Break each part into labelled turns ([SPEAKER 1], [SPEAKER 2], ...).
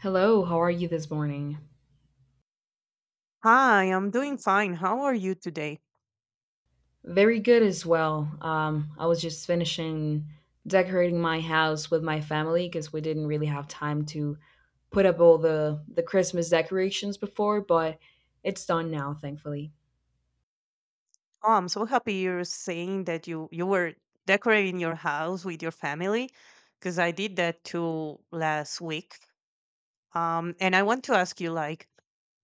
[SPEAKER 1] Hello, how are you this morning?
[SPEAKER 2] Hi, I'm doing fine. How are you today?
[SPEAKER 1] Very good as well. I was just finishing decorating my house with my family because we didn't really have time to put up all the Christmas decorations before, but it's done now, thankfully.
[SPEAKER 2] Oh, I'm so happy you're saying that you were decorating your house with your family, because I did that too last week. And I want to ask you, like,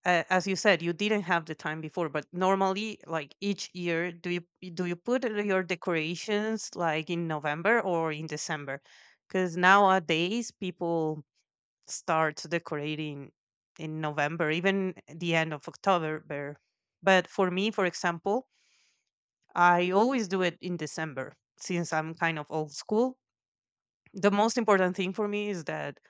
[SPEAKER 2] as you said, you didn't have the time before, but normally, like each year, do you put your decorations like in November or in December? Because nowadays people start decorating in November, even the end of October. Bear. But for me, for example, I always do it in December since I'm kind of old school. The most important thing for me is that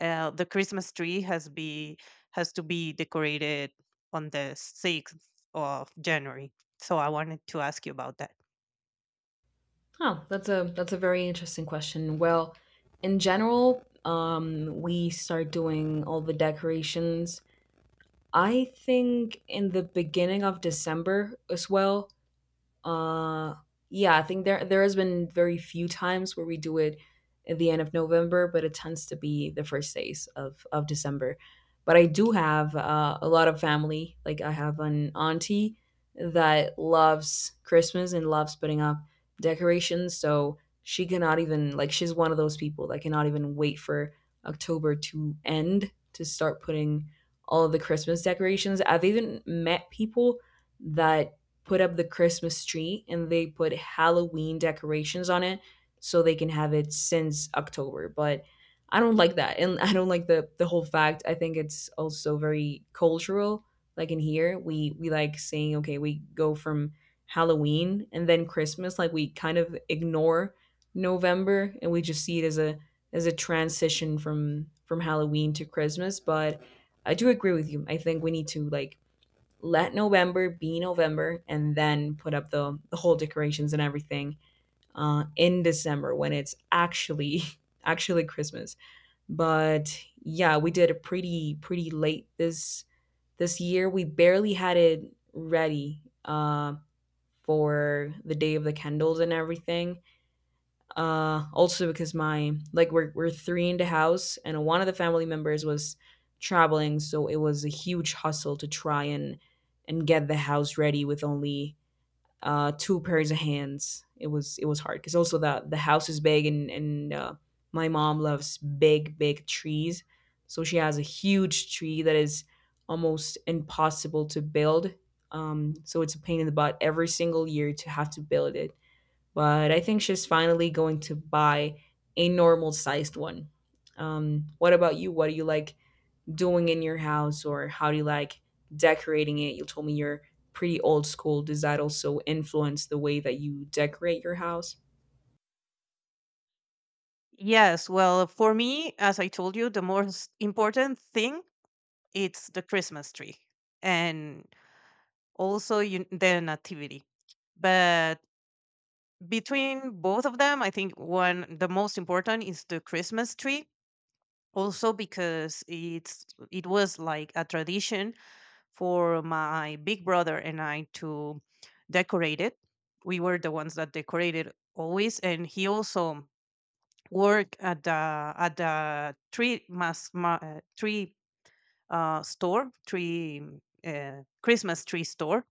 [SPEAKER 2] the Christmas tree has to be decorated on the 6th of January. So I wanted to ask you about that.
[SPEAKER 1] Huh, that's a very interesting question. Well, in general, we start doing all the decorations. I think in the beginning of December as well. Uh, yeah, I think there has been very few times where we do it at the end of November, but it tends to be the first days of December. But I do have a lot of family. Like I have an auntie that loves Christmas and loves putting up decorations, so she cannot even like she's one of those people that cannot even wait for October to end to start putting all of the Christmas decorations. I've even met people that put up the Christmas tree and they put Halloween decorations on it so they can have it since October. But I don't like that. And I don't like the whole fact. I think it's also very cultural. Like in here, we like saying, okay, we go from Halloween and then Christmas, like we kind of ignore November and we just see it as a transition from Halloween to Christmas, but I do agree with you. I think we need to like let November be November and then put up the whole decorations and everything in December when it's actually actually Christmas. But yeah, we did it pretty late this year. We barely had it ready for the day of the candles and everything. Also because my like we're three in the house, and one of the family members was traveling, so it was a huge hustle to try and get the house ready with only two pairs of hands. It was hard because also the house is big, and my mom loves big trees, so she has a huge tree that is almost impossible to build. So it's a pain in the butt every single year to have to build it, but I think she's finally going to buy a normal sized one. What about you? What do you like doing in your house, or how do you like decorating it? You told me you're pretty old school. Does that also influence the way that you decorate your house?
[SPEAKER 2] Yes, well, for me, as I told you, the most important thing it's the Christmas tree and also you, the nativity. But between both of them, I think one the most important is the Christmas tree. Also because it was like a tradition for my big brother and I to decorate it. We were the ones that decorated always, and he also worked at the tree mass ma, tree store, tree Christmas tree store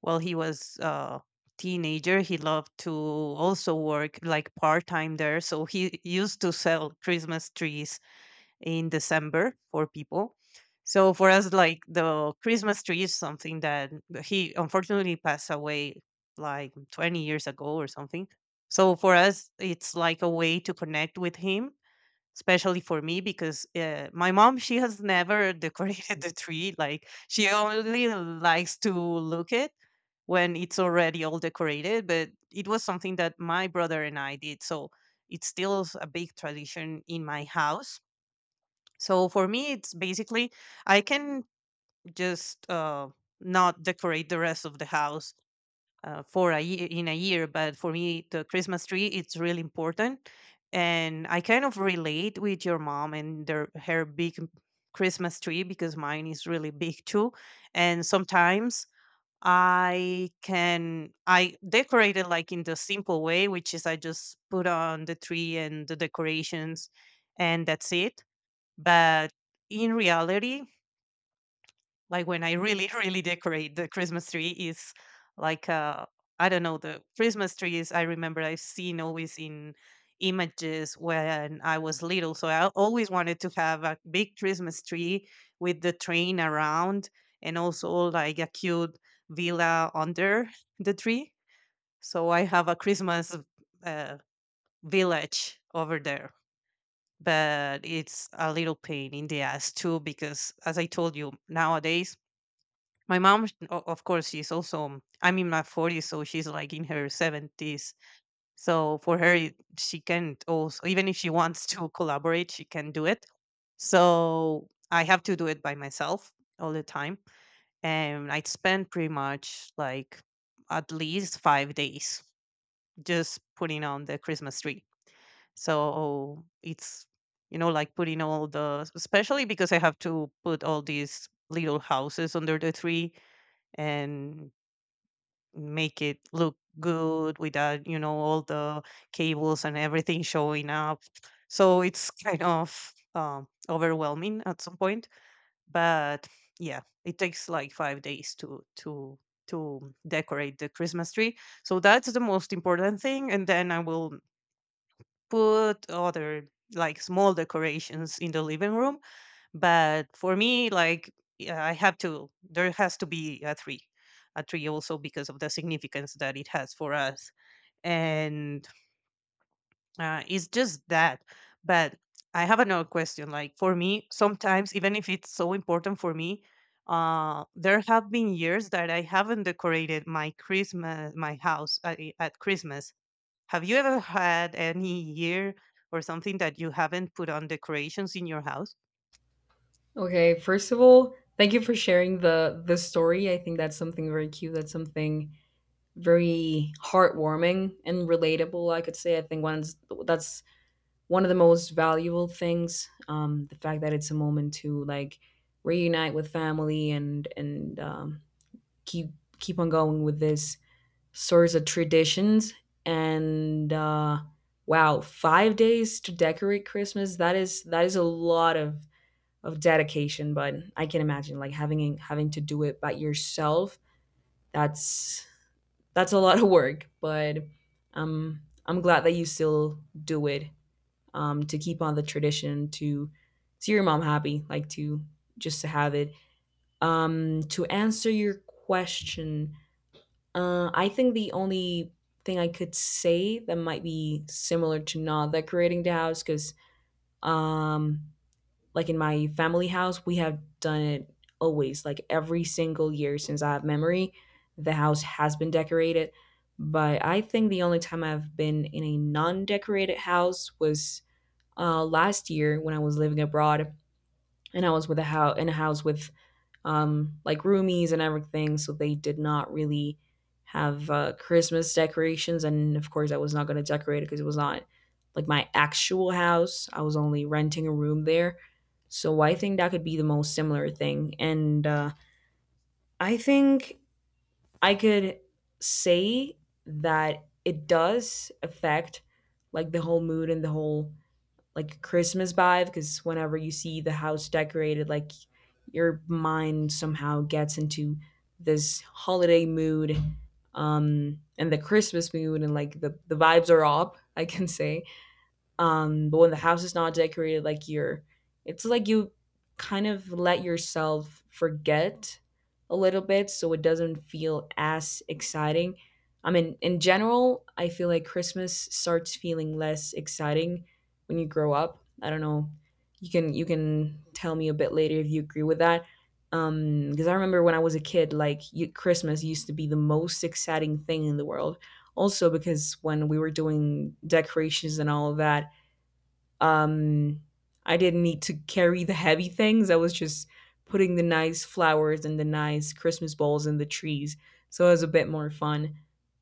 [SPEAKER 2] while he was a teenager. He loved to also work like part time there. So he used to sell Christmas trees in December for people. So for us, like the Christmas tree is something that, he unfortunately passed away like 20 years ago or something. So for us, it's like a way to connect with him, especially for me because my mom, she has never decorated the tree. Like she only likes to look it when it's already all decorated, but it was something that my brother and I did. So it's still a big tradition in my house. So for me it's basically I can just not decorate the rest of the house for a year, but for me the Christmas tree it's really important. And I kind of relate with your mom and their her big Christmas tree because mine is really big too. And sometimes I decorate it like in the simple way, which is I just put on the tree and the decorations, and that's it. But in reality, like when I really, really decorate the Christmas tree is like I don't know, the Christmas trees I remember I've seen always in images when I was little. So I always wanted to have a big Christmas tree with the train around, and also like a cute villa under the tree. So I have a Christmas uh, village over there, but it's a little pain in the ass too, because as I told you, nowadays my mom, of course, she's also, I'm in my 40s, so she's like in her 70s. So for her, she can't also, even if she wants to collaborate, she can do it. So I have to do it by myself all the time. And I spend pretty much like at least 5 days just putting on the Christmas tree. So it's, you know, like putting all the, especially because I have to put all these little houses under the tree and make it look good without, you know, all the cables and everything showing up. So it's kind of overwhelming at some point, but yeah, it takes like 5 days to to decorate the Christmas tree. So that's the most important thing, and then I will put other like small decorations in the living room. But for me, like, yeah, I have to, there has to be a three, also because of the significance that it has for us. And it's just that. But I have another question, like for me, sometimes even if it's so important for me, there have been years that I haven't decorated my christmas my house at, at Christmas. Have you ever had any year or something that you haven't put on decorations in your house?
[SPEAKER 1] Okay, first of all, thank you for sharing the story. I think that's something very cute. That's something very heartwarming and relatable, I could say. I think once that's one of the most valuable things, the fact that it's a moment to like reunite with family and and um keep keep on going with this source of traditions. And, wow, 5 days to decorate Christmas, that is a lot of dedication. But I can imagine like having to do it by yourself. That's that's a lot of work. But I'm glad that you still do it, to keep on the tradition, to see your mom happy, like to just to have it. To answer your question, I think the only thing I could say that might be similar to not decorating the house, because um, like in my family house, we have done it always, like every single year since I have memory, the house has been decorated. But I think the only time I've been in a non decorated house was last year when I was living abroad, and I was with a house in a house with like roomies and everything, so they did not really have Christmas decorations. And of course, I was not going to decorate it because it was not like my actual house. I was only renting a room there, so I think that could be the most similar thing. And I think I could say that it does affect like the whole mood and the whole like Christmas vibe, because whenever you see the house decorated, like your mind somehow gets into this holiday mood and the Christmas mood, and like the vibes are up, I can say. But when the house is not decorated, like it's like you kind of let yourself forget a little bit, so it doesn't feel as exciting. I mean, in general, I feel like Christmas starts feeling less exciting when you grow up. I don't know. You can tell me a bit later if you agree with that. Because I remember when I was a kid, like you, Christmas used to be the most exciting thing in the world. Also, because when we were doing decorations and all of that, um, I didn't need to carry the heavy things. I was just putting the nice flowers and the nice Christmas balls in the trees. So it was a bit more fun.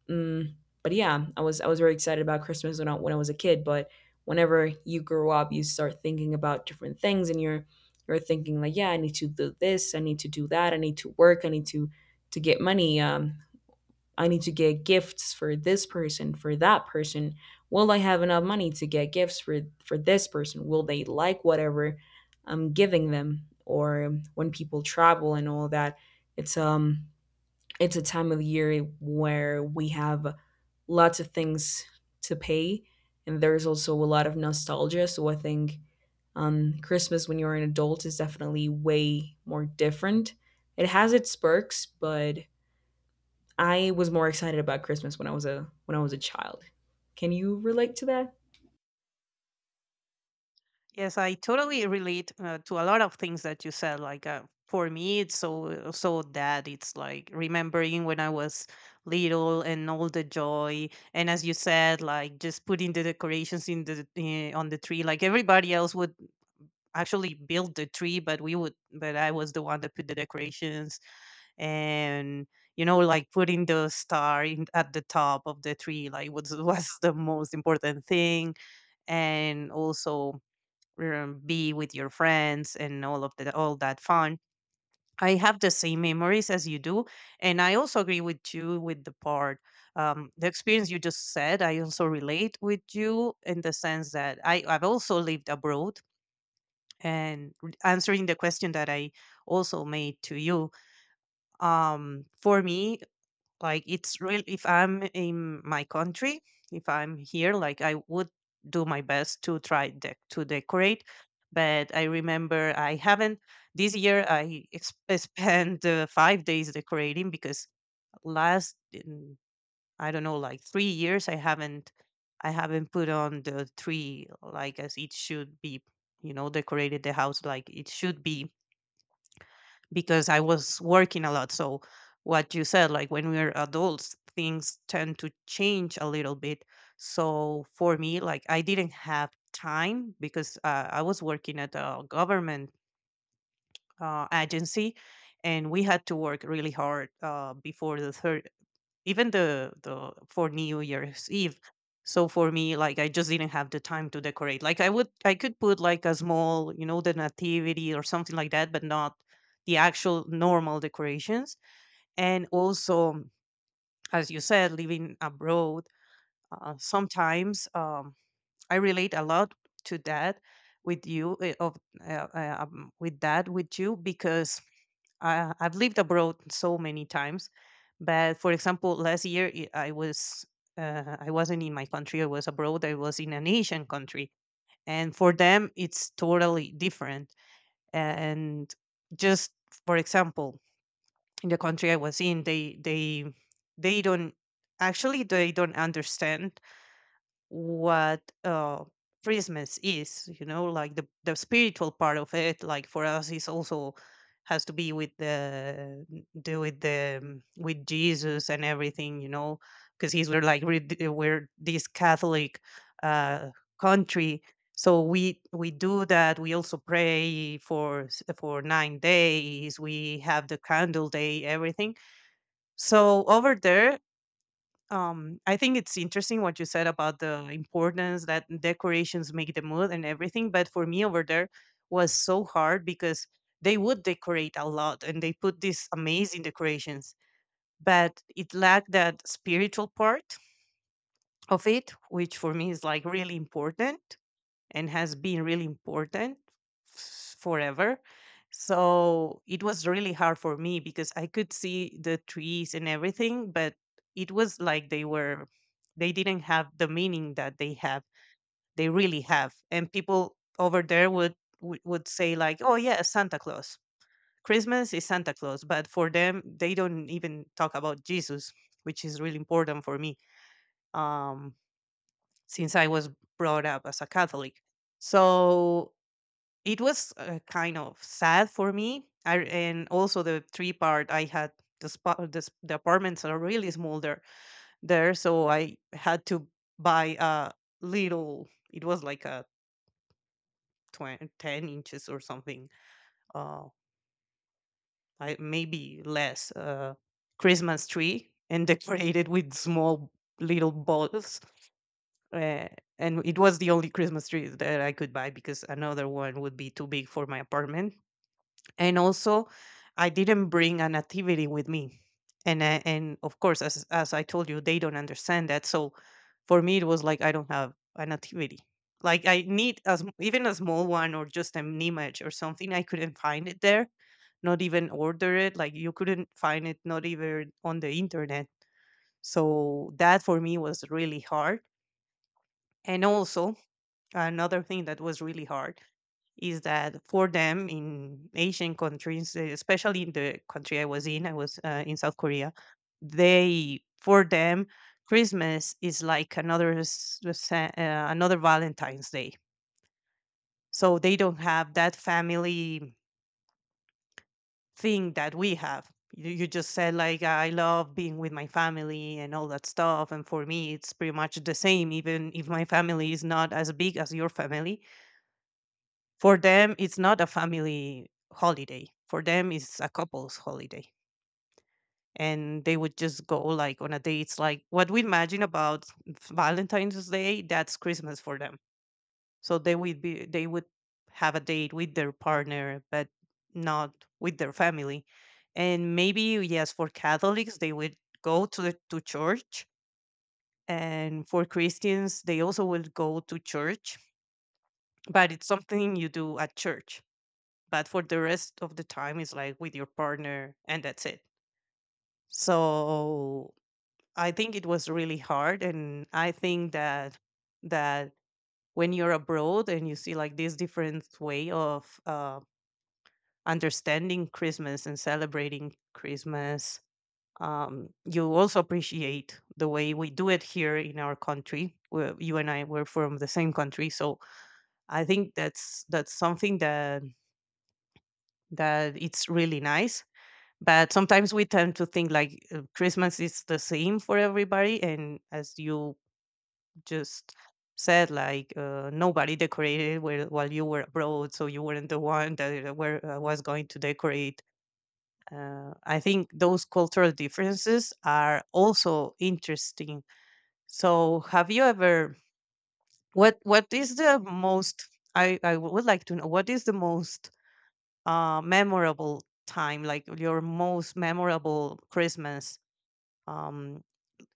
[SPEAKER 1] Mm, but yeah, I was very excited about Christmas when I was a kid. But whenever you grow up, you start thinking about different things, and you're thinking like, yeah, I need to do this, I need to do that, I need to work, I need to get money. I need to get gifts for this person, for that person. Will I have enough money to get gifts for this person? Will they like whatever I'm giving them? Or when people travel and all that, it's um it's a time of year where we have lots of things to pay, and there's also a lot of nostalgia. So I think Christmas when you're an adult is definitely way more different. It has its perks, but I was more excited about Christmas when I was a child. Can you relate to that?
[SPEAKER 2] Yes, I totally relate to a lot of things that you said. Like for me, it's so so that it's like remembering when I was little and all the joy, and as you said, like just putting the decorations in the on the tree. Like everybody else would actually build the tree, but we would, but I was the one that put the decorations, and you know, like putting the star in, at the top of the tree, like was was the most important thing, and also be with your friends and all of the all that fun. I have the same memories as you do, and I also agree with you with the part, the experience you just said. I also relate with you in the sense that I've also lived abroad. And answering the question that I also made to you, for me, like it's real. If I'm in my country, if I'm here, like I would do my best to try to decorate. But I remember I haven't this year. Spent 5 days decorating because last I don't know, like 3 years, I haven't put on the tree like as it should be. You know, decorated the house like it should be, because I was working a lot. So what you said, like when we're adults, things tend to change a little bit. So for me, like I didn't have time because I was working at a government agency, and we had to work really hard before the even the for New Year's Eve. So for me, like I just didn't have the time to decorate. Like I would, I could put like a small, you know, the nativity or something like that, but not the actual normal decorations. And also, as you said, living abroad, sometimes. I relate a lot to that with you eh, of with that with you, because I've lived abroad so many times. But for example, last year I was I wasn't in my country. I was abroad. I was in an Asian country, and for them it's totally different. And just for example, in the country I was in, they don't actually they don't understand what Christmas is, you know, like the spiritual part of it. Like for us is also has to be with the do with the with Jesus and everything, you know, because he's we're like we're this Catholic uh, country, so we do that. We also pray for for 9 days. We have the candle day, everything. So over there, I think it's interesting what you said about the importance that decorations make the mood and everything. But for me over there was so hard because they would decorate a lot, and they put these amazing decorations, but it lacked that spiritual part of it, which for me is like really important, and has been really important forever. So it was really hard for me because I could see the trees and everything, but it was like they didn't have the meaning that they have, they really have. And people over there would say like, "Oh yeah, Santa Claus. Christmas is Santa Claus," but for them, they don't even talk about Jesus, which is really important for me. Um, since I was brought up as a Catholic. So it was kind of sad for me. And also the three part I had, the apartments are really small there, so I had to buy a little. It was like a 20, 10 inches or something. Uh, I maybe less, Christmas tree, and decorated with small little balls. Uh, and it was the only Christmas tree that I could buy because another one would be too big for my apartment. And also, I didn't bring an activity with me. And of course, as I told you, they don't understand that. So for me it was like I don't have an activity, like I need, as even a small one or just an image or something, I couldn't find it there, not even order it, like you couldn't find it, not even on the internet. So that for me was really hard. And also another thing that was really hard is that for them in Asian countries, especially in the country I was in South Korea, they, for them, Christmas is like another, another Valentine's Day. So they don't have that family thing that we have. You just said like I love being with my family and all that stuff, and for me it's pretty much the same, even if my family is not as big as your family. For them, it's not a family holiday. For them, it's a couple's holiday. And they would just go like on a dates like what we imagine about Valentine's Day, that's Christmas for them. So they would be they would have a date with their partner, but not with their family. And maybe yes, for Catholics, they would go to the, to church, and for Christians, they also will go to church, but it's something you do at church. But for the rest of the time it's like with your partner and that's it. So I think it was really hard, and I think that that when you're abroad and you see like this different way of understanding Christmas and celebrating Christmas, you also appreciate the way we do it here in our country, where you and I were from the same country. So I think that's something that it's really nice. But sometimes we tend to think like Christmas is the same for everybody, and as you just said, like nobody decorated while you were abroad, so you weren't the one that was going to decorate. I think those cultural differences are also interesting. So have you ever what is the most, I would like to know what is the most memorable time, like your most memorable Christmas um,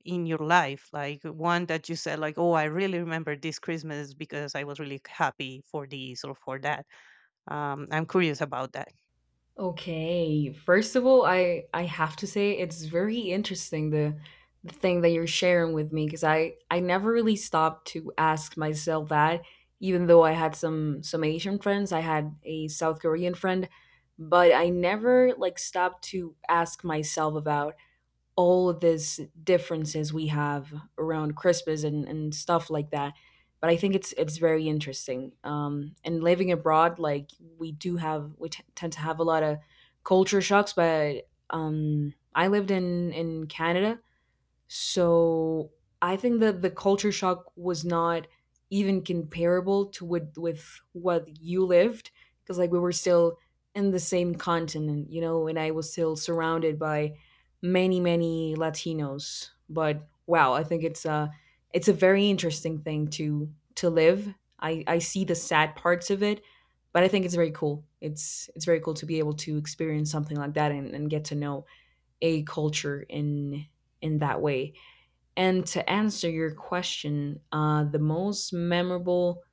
[SPEAKER 2] in your life? Like one that you said, like, oh, I really remember this Christmas because I was really happy for this or for that. I'm curious about that.
[SPEAKER 1] Okay. First of all, I have to say it's very interesting the thing that you're sharing with me, because I never really stopped to ask myself that, even though I had some Asian friends, I had a South Korean friend, but I never like stopped to ask myself about all of these differences we have around Christmas and stuff like that. But I think it's very interesting. And living abroad, like we do have, we t- tend to have a lot of culture shocks. But I lived in Canada, so I think that the culture shock was not even comparable to with what you lived, because like we were still in the same continent, and I was still surrounded by many Latinos. But wow, I think it's a very interesting thing to live. I see the sad parts of it, but I think it's very cool. It's very cool to be able to experience something like that, and get to know a culture in that way. And to answer your question, the most memorable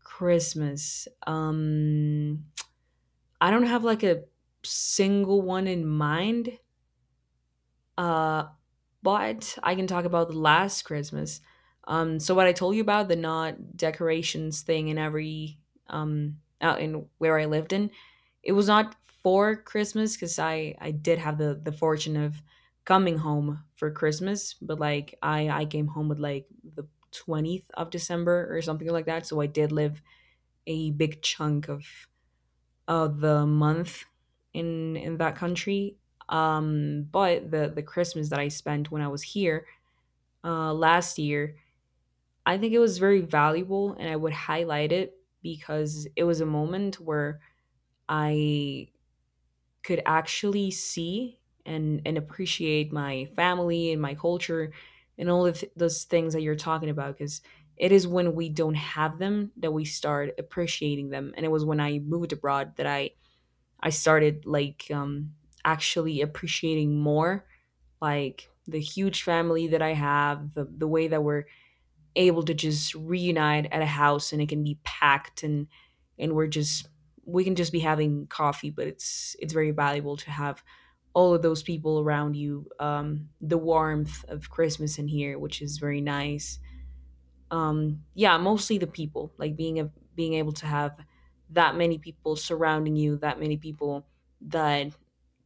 [SPEAKER 1] Christmas, I don't have like a single one in mind. Uh, but I can talk about the last Christmas. So what I told you about the not decorations thing in every out in where I lived in, it was not for Christmas, because I did have the fortune of coming home for Christmas, but like I came home with like the 20th of December or something like that. So I did live a big chunk of the month in that country. But the Christmas that I spent when I was here last year, I think it was very valuable and I would highlight it because it was a moment where I could actually see and appreciate my family and my culture and all of those things that you're talking about. Because it is when we don't have them that we start appreciating them. And it was when I moved abroad that I started like actually appreciating more, like the huge family that I have, the way that we're able to just reunite at a house and it can be packed, and and we're just we can just be having coffee, but it's very valuable to have all of those people around you, the warmth of Christmas in here, which is very nice. Yeah, mostly the people, like being able to have that many people surrounding you, that many people that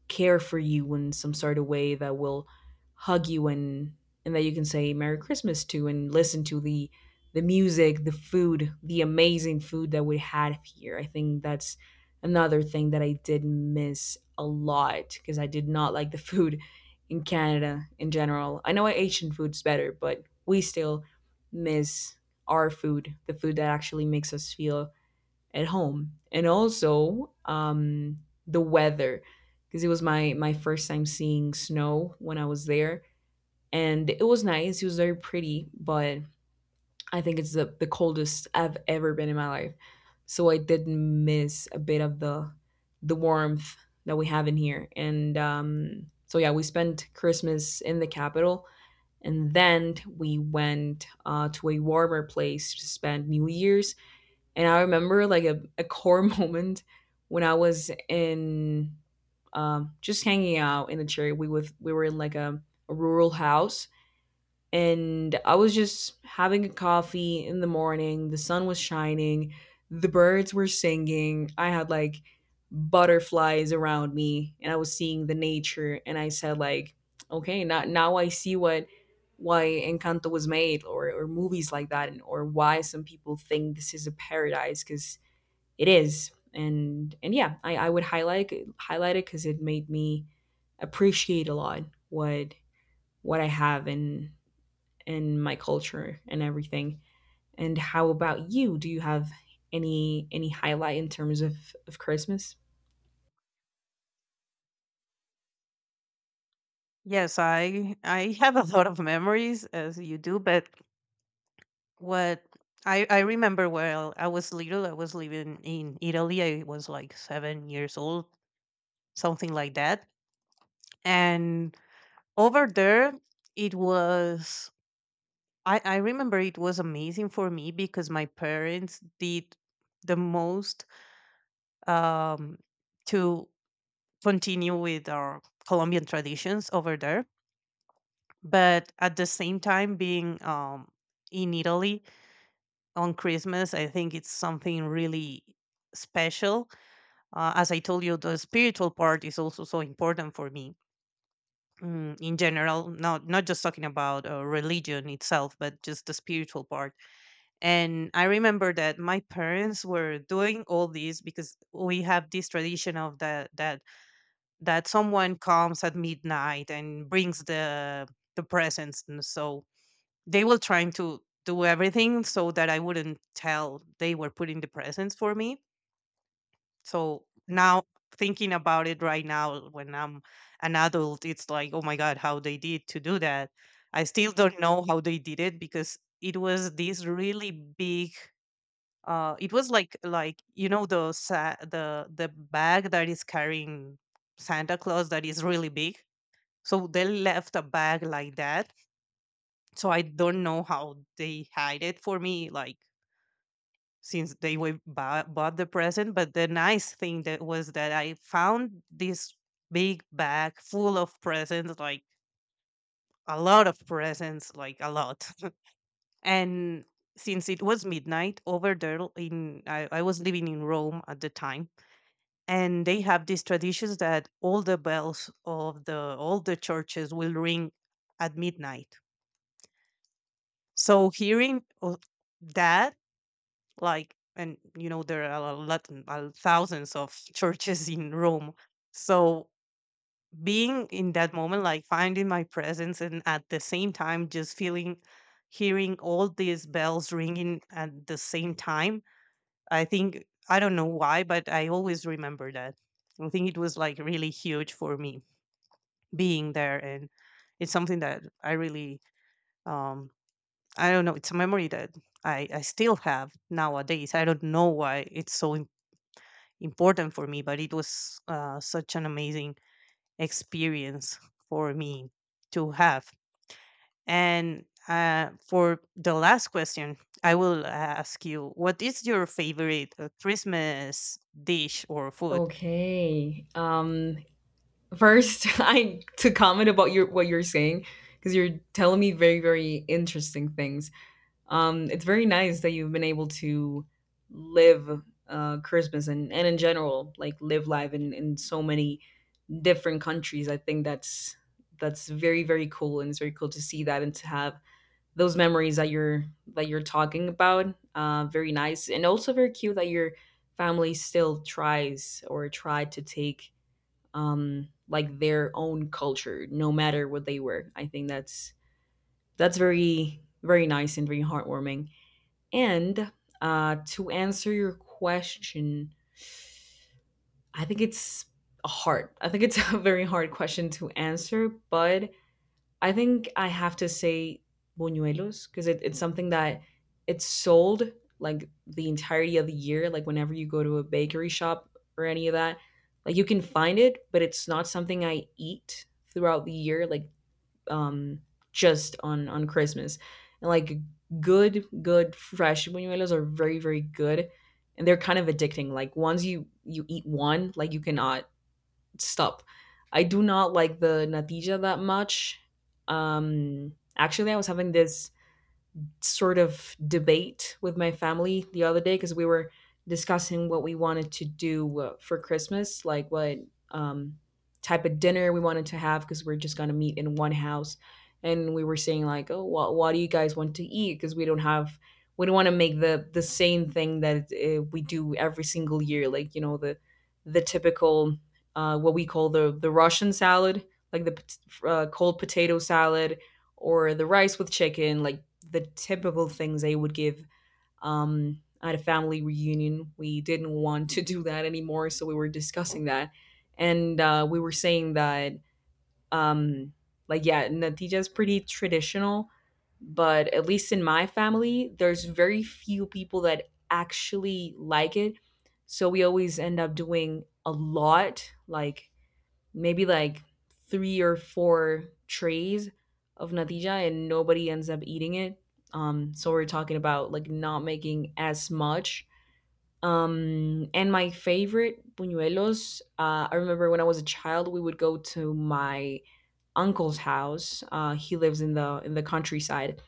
[SPEAKER 1] care for you in some sort of way that will hug you, and that you can say Merry Christmas to, and listen to the music, the food, the amazing food that we had here. I think that's another thing that I did miss a lot because I did not like the food in Canada in general. I know Asian food's better, but we still miss our food, the food that actually makes us feel at home, and also the weather because it was my first time seeing snow when I was there, and it was nice, it was very pretty, but I think it's the coldest I've ever been in my life, so I didn't miss a bit of the warmth that we have in here. And so yeah, we spent Christmas in the capital, and then we went to a warmer place to spend New Year's. And I remember like a core moment when I was in, just hanging out in the cherry. We were in like a rural house, and I was just having a coffee in the morning. The sun was shining, the birds were singing. I had like butterflies around me, and I was seeing the nature. And I said like, okay, now I see what why Encanto was made, or movies like that, and or why some people think this is a paradise, because it is. And yeah, I would highlight it because it made me appreciate a lot what I have in my culture and everything. And how about you? Do you have any highlight in terms of Christmas?
[SPEAKER 2] Yes, I have a lot of memories as you do, but what I remember well, I was little, I was living in Italy. I was like 7 years old, something like that. And over there, it was I remember it was amazing for me because my parents did the most um, to continue with our Colombian traditions over there. But at the same time, being in Italy on Christmas, I think it's something really special. As I told you, the spiritual part is also so important for me. In general, not just talking about religion itself, but just the spiritual part. And I remember that my parents were doing all this because we have this tradition of that that that someone comes at midnight and brings the presents, and so they were trying to do everything so that I wouldn't tell they were putting the presents for me. So now thinking about it right now when I'm an adult, it's like, oh my god, how they did to do that. I still don't know how they did it because it was this really big, it was like you know the bag that is carrying Santa Claus that is really big, so they left a bag like that. So I don't know how they hide it for me, like since they were bought the present. But the nice thing that was that I found this big bag full of presents, like a lot of presents, like a lot. And since it was midnight over there in, I was living in Rome at the time, and they have these traditions that all the bells of the all the churches will ring at midnight. So hearing o- that like and you know there are a lot, thousands of churches in Rome. So being in that moment, like finding my presence and at the same time just feeling, hearing all these bells ringing at the same time, I think, I don't know why, but I always remember that. I think it was like really huge for me being there, and it's something that I really um I don't know, it's a memory that I still have nowadays. I don't know why it's so important for me, but it was such an amazing experience for me to have. And for the last question, I will ask you, what is your favorite Christmas dish or food?
[SPEAKER 1] Okay, um, first, I to comment about your what you're saying, because you're telling me very interesting things. It's very nice that you've been able to live Christmas, and in general, like live life in so many different countries. I think that's very cool, and it's very cool to see that and to have those memories that you're talking about. Very nice, and also very cute that your family still tries or tried to take like their own culture, no matter what they were. I think that's very nice and very heartwarming. And to answer your question, I think it's hard. I think it's a very hard question to answer, but I think I have to say buñuelos because it's something that it's sold like the entirety of the year. Like whenever you go to a bakery shop or any of that, like you can find it, but it's not something I eat throughout the year. Like, um, just on Christmas. And like good fresh buñuelos are very good, and they're kind of addicting. Like once you eat one, like you cannot stop. I do not like the natilla that much. Actually, I was having this sort of debate with my family the other day because we were discussing what we wanted to do for Christmas, like what, um, type of dinner we wanted to have because we're just going to meet in one house. And we were saying like, oh, what do you guys want to eat? Because we don't have, we don't want to make the same thing that we do every single year, like you know, the typical, what we call the Russian salad, like cold potato salad, or the rice with chicken, like the typical things they would give. At a family reunion, we didn't want to do that anymore, so we were discussing that, and we were saying that, um, like, yeah, natija is pretty traditional, but at least in my family, there's very few people that actually like it, so we always end up doing a lot, like maybe like three or four trays of natilla, and nobody ends up eating it. So we're talking about like not making as much. And my favorite buñuelos, I remember when I was a child, we would go to my uncle's house. He lives in the countryside,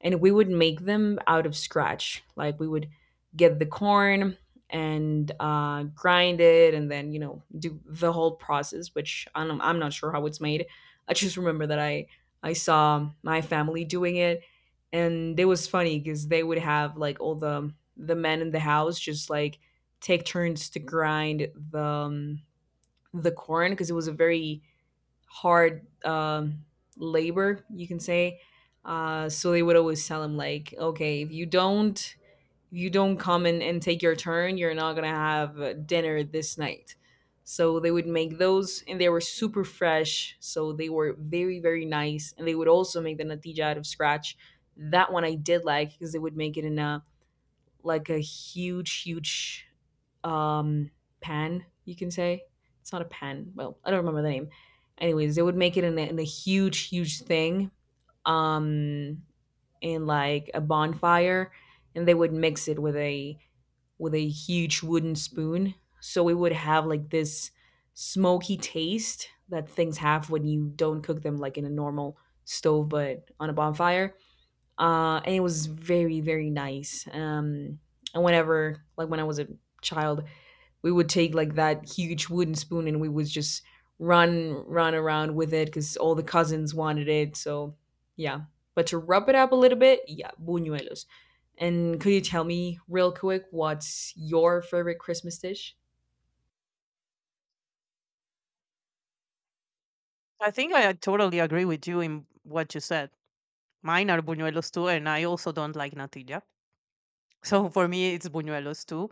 [SPEAKER 1] and we would make them out of scratch. Like we would get the corn and grind it, and then you know do the whole process. Which I'm not sure how it's made. I just remember that I saw my family doing it, and it was funny because they would have like all the men in the house just like take turns to grind the corn because it was a very hard, labor, you can say. So they would always tell him like, okay, if you don't, if you don't come and take your turn, you're not gonna have dinner this night. So they would make those, and they were super fresh. So they were very nice, and they would also make the natija out of scratch. That one I did like because they would make it in a like a huge, um, pan, you can say. It's not a pan. Well, I don't remember the name. Anyways, they would make it in in a huge thing, um, in like a bonfire, and they would mix it with a huge wooden spoon. So we would have like this smoky taste that things have when you don't cook them like in a normal stove, but on a bonfire. And it was very nice. And whenever, like when I was a child, we would take like that huge wooden spoon and we would just run around with it because all the cousins wanted it. So yeah, but to rub it up a little bit, yeah, buñuelos. And could you tell me real quick what's your favorite Christmas dish?
[SPEAKER 2] I think I totally agree with you in what you said. Mine are buñuelos too, and I also don't like natilla. So for me, it's buñuelos too.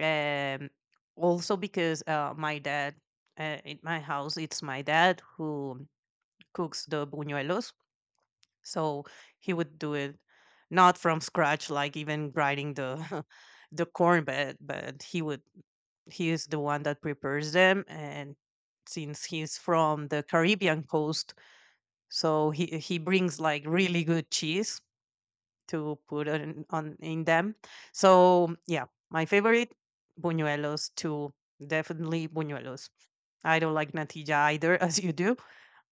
[SPEAKER 2] Um, Also because my dad, in my house, it's my dad who cooks the buñuelos. So he would do it not from scratch, like even grinding the the corn, but he would, he is the one that prepares them. And since he's from the Caribbean coast, so he brings like really good cheese to put on in them. So yeah, my favorite, buñuelos too. Definitely buñuelos. I don't like natilla either, as you do.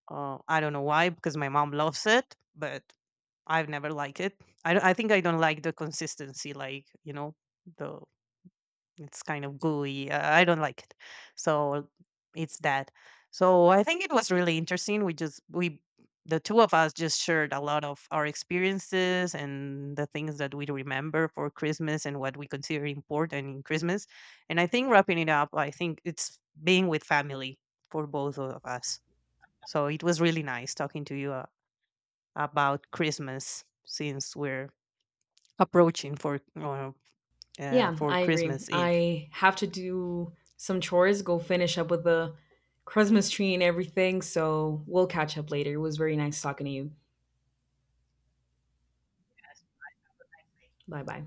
[SPEAKER 2] I don't know why, because my mom loves it, but I've never liked it. I think I don't like the consistency, like you know, the it's kind of gooey. I don't like it. So it's that. So I think it was really interesting. We just we The two of us just shared a lot of our experiences and the things that we remember for Christmas and what we consider important in Christmas. And I think wrapping it up, I think it's being with family for both of us. So it was really nice talking to you about Christmas since we're approaching
[SPEAKER 1] Yeah,
[SPEAKER 2] for
[SPEAKER 1] I agree.
[SPEAKER 2] Christmas Eve.
[SPEAKER 1] I have to do some chores, go finish up with the Christmas tree and everything. So we'll catch up later. It was very nice talking to you. Bye bye.